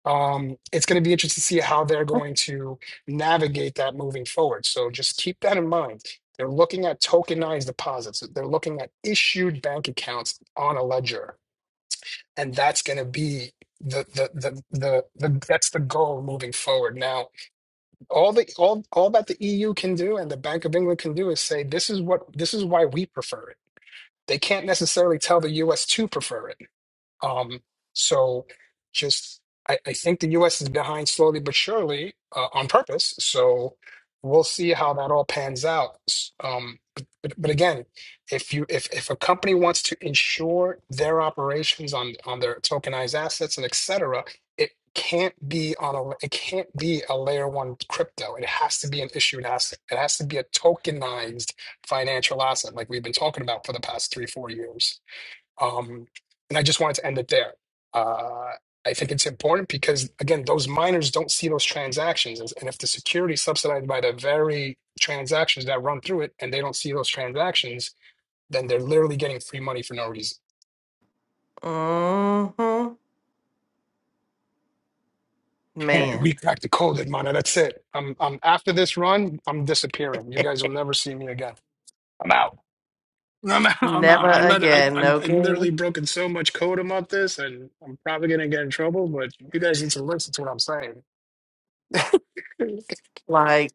Speaker 4: um, it's going to be interesting to see how they're going to navigate that moving forward. So just keep that in mind. They're looking at tokenized deposits. They're looking at issued bank accounts on a ledger, and that's going to be the the, the the the that's the goal moving forward. Now, all the all all that the EU can do and the Bank of England can do is say this is what this is why we prefer it. They can't necessarily tell the US to prefer it um, so just, I, I think the US is behind slowly but surely uh, on purpose. So we'll see how that all pans out. S- Um, but, but, but again, if you if, if a company wants to insure their operations on on their tokenized assets and et cetera, it can't be on a it can't be a layer one crypto. It has to be an issued asset. It has to be a tokenized financial asset, like we've been talking about for the past three four years. Um, and I just wanted to end it there. Uh, I think it's important because, again, those miners don't see those transactions. And and if the security is subsidized by the very transactions that run through it and they don't see those transactions, then they're literally getting free money for no reason.
Speaker 1: Mm-hmm.
Speaker 4: we
Speaker 1: Man,
Speaker 4: cracked the code, Edmana. That's it. I'm, I'm after this run, I'm disappearing. You guys will never see me again. I'm out. I'm out. I'm out.
Speaker 1: never
Speaker 4: I let I
Speaker 1: again,
Speaker 4: I'm, I've
Speaker 1: okay?
Speaker 4: literally broken so much code about this, and I'm probably gonna get in trouble. But you guys need to listen to what I'm saying.
Speaker 1: Like,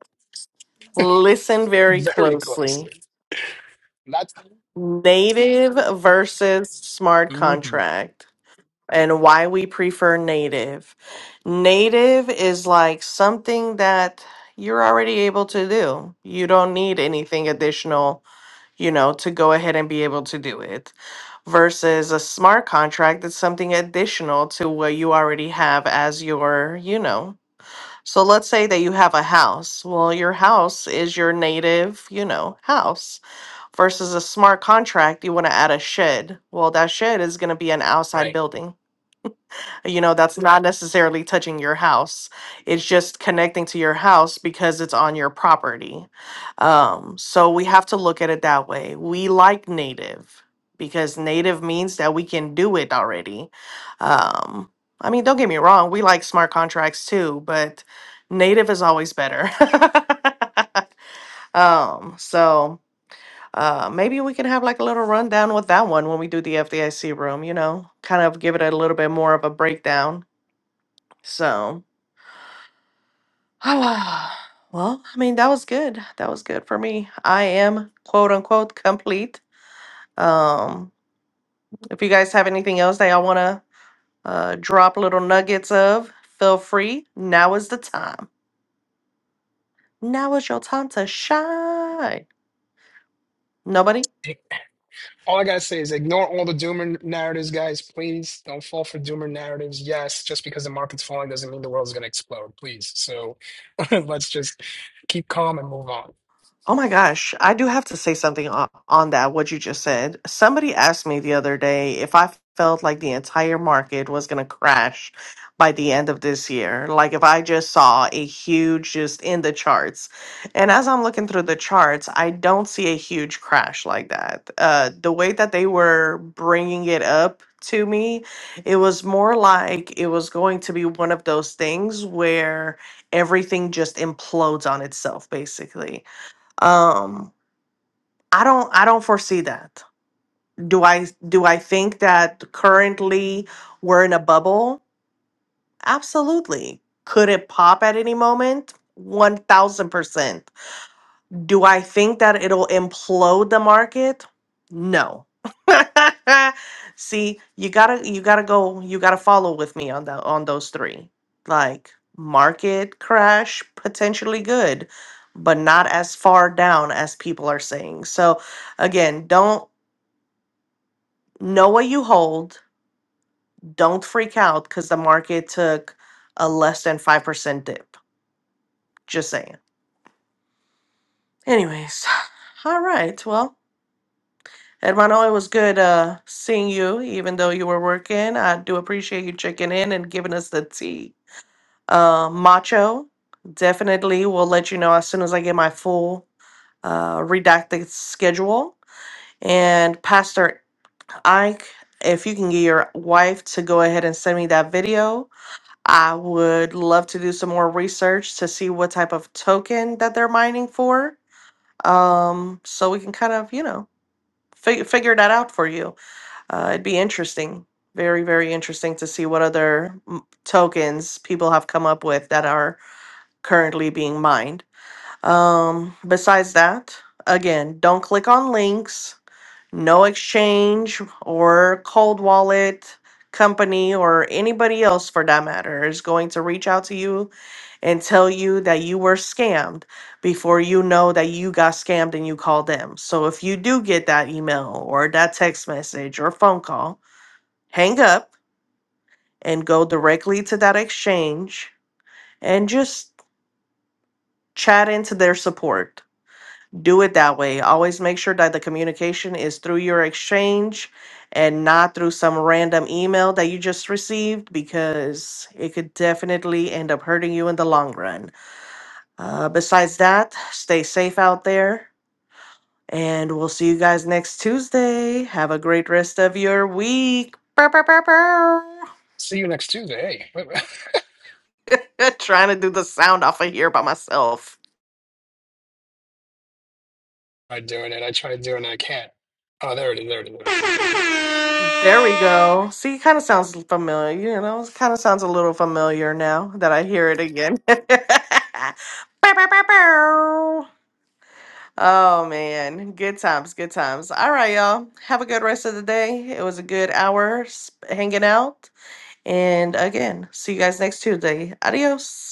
Speaker 1: listen very
Speaker 4: very
Speaker 1: closely.
Speaker 4: closely. That's
Speaker 1: Native versus smart
Speaker 4: Mhm.
Speaker 1: contract. and why we prefer native. Native is like something that you're already able to do. You don't need anything additional, you know, to go ahead and be able to do it. Versus a smart contract that's something additional to what you already have as your, you know. So let's say that you have a house. Well, your house is your native, you know, house versus a smart contract, you want to add a shed. Well, that shed is going to be an outside
Speaker 4: right.
Speaker 1: building you know, that's not necessarily touching your house. It's just connecting to your house because it's on your property. Um, so we have to look at it that way. We like native because native means that we can do it already. Um, I mean, don't get me wrong, we like smart contracts too, but native is always better. um, so uh, maybe we can have like a little rundown with that one when we do the FDIC room, you know, kind of give it a little bit more of a breakdown so, well, I mean, that was good. That was good for me. I am quote unquote complete. Um, if you guys have anything else that y'all want to uh, drop little nuggets of, feel free. Now is the time. Now is your time to shine. Nobody?
Speaker 4: All I gotta say is ignore all the doomer narratives, guys. Please don't fall for doomer narratives. Yes, just because the market's falling doesn't mean the world's gonna explode. Please. So let's just keep calm and move on.
Speaker 1: Oh my gosh, I do have to say something on, on that, what you just said. Somebody asked me the other day if I felt like the entire market was going to crash by the end of this year. Like if I just saw a huge just in the charts. And as I'm looking through the charts, I don't see a huge crash like that. Uh, the way that they were bringing it up to me, it was more like it was going to be one of those things where everything just implodes on itself, basically um i don't i don't foresee that do i do i think that currently we're in a bubble absolutely could it pop at any moment 1000% do I think that it'll implode the market? No. See, you gotta you gotta go you gotta follow with me on the on those three. Like market crash, potentially good, but not as far down as people are saying. So again, don't know what you hold. Don't freak out because the market took a less than five percent dip. Just saying. Anyways, all right. Well, Hermano, it was good uh, seeing you, even though you were working. I do appreciate you checking in and giving us the tea. Uh, macho, definitely will let you know as soon as I get my full uh, redacted schedule. And Pastor Ike, if you can get your wife to go ahead and send me that video, I would love to do some more research to see what type of token that they're mining for. Um, so we can kind of, you know, fig- figure that out for you uh, it'd be interesting, very, very interesting to see what other m- tokens people have come up with that are currently being mined. Um, besides that, again, don't click on links, no exchange or cold wallet company or anybody else for that matter is going to reach out to you and tell you that you were scammed before you know that you got scammed and you called them. So if you do get that email or that text message or phone call, hang up and go directly to that exchange and just chat into their support. Do it that way. Always make sure that the communication is through your exchange and not through some random email that you just received because it could definitely end up hurting you in the long run. Uh, besides that, stay safe out there and we'll see you guys next Tuesday. Have a great rest of your week. Bow, bow, bow, bow.
Speaker 4: See you next Tuesday. Hey,
Speaker 1: Trying to do the sound off of here by myself.
Speaker 4: I doing it. I try to do it and I can't. Oh, there it is. There it is.
Speaker 1: There we go. See, it kind of sounds familiar. You know, it kind of sounds a little familiar now that I hear it again. Bow, bow, bow, bow. Oh man, good times, good times. All right, y'all. Have a good rest of the day. It was a good hour sp- hanging out. And again, see you guys next Tuesday. Adios.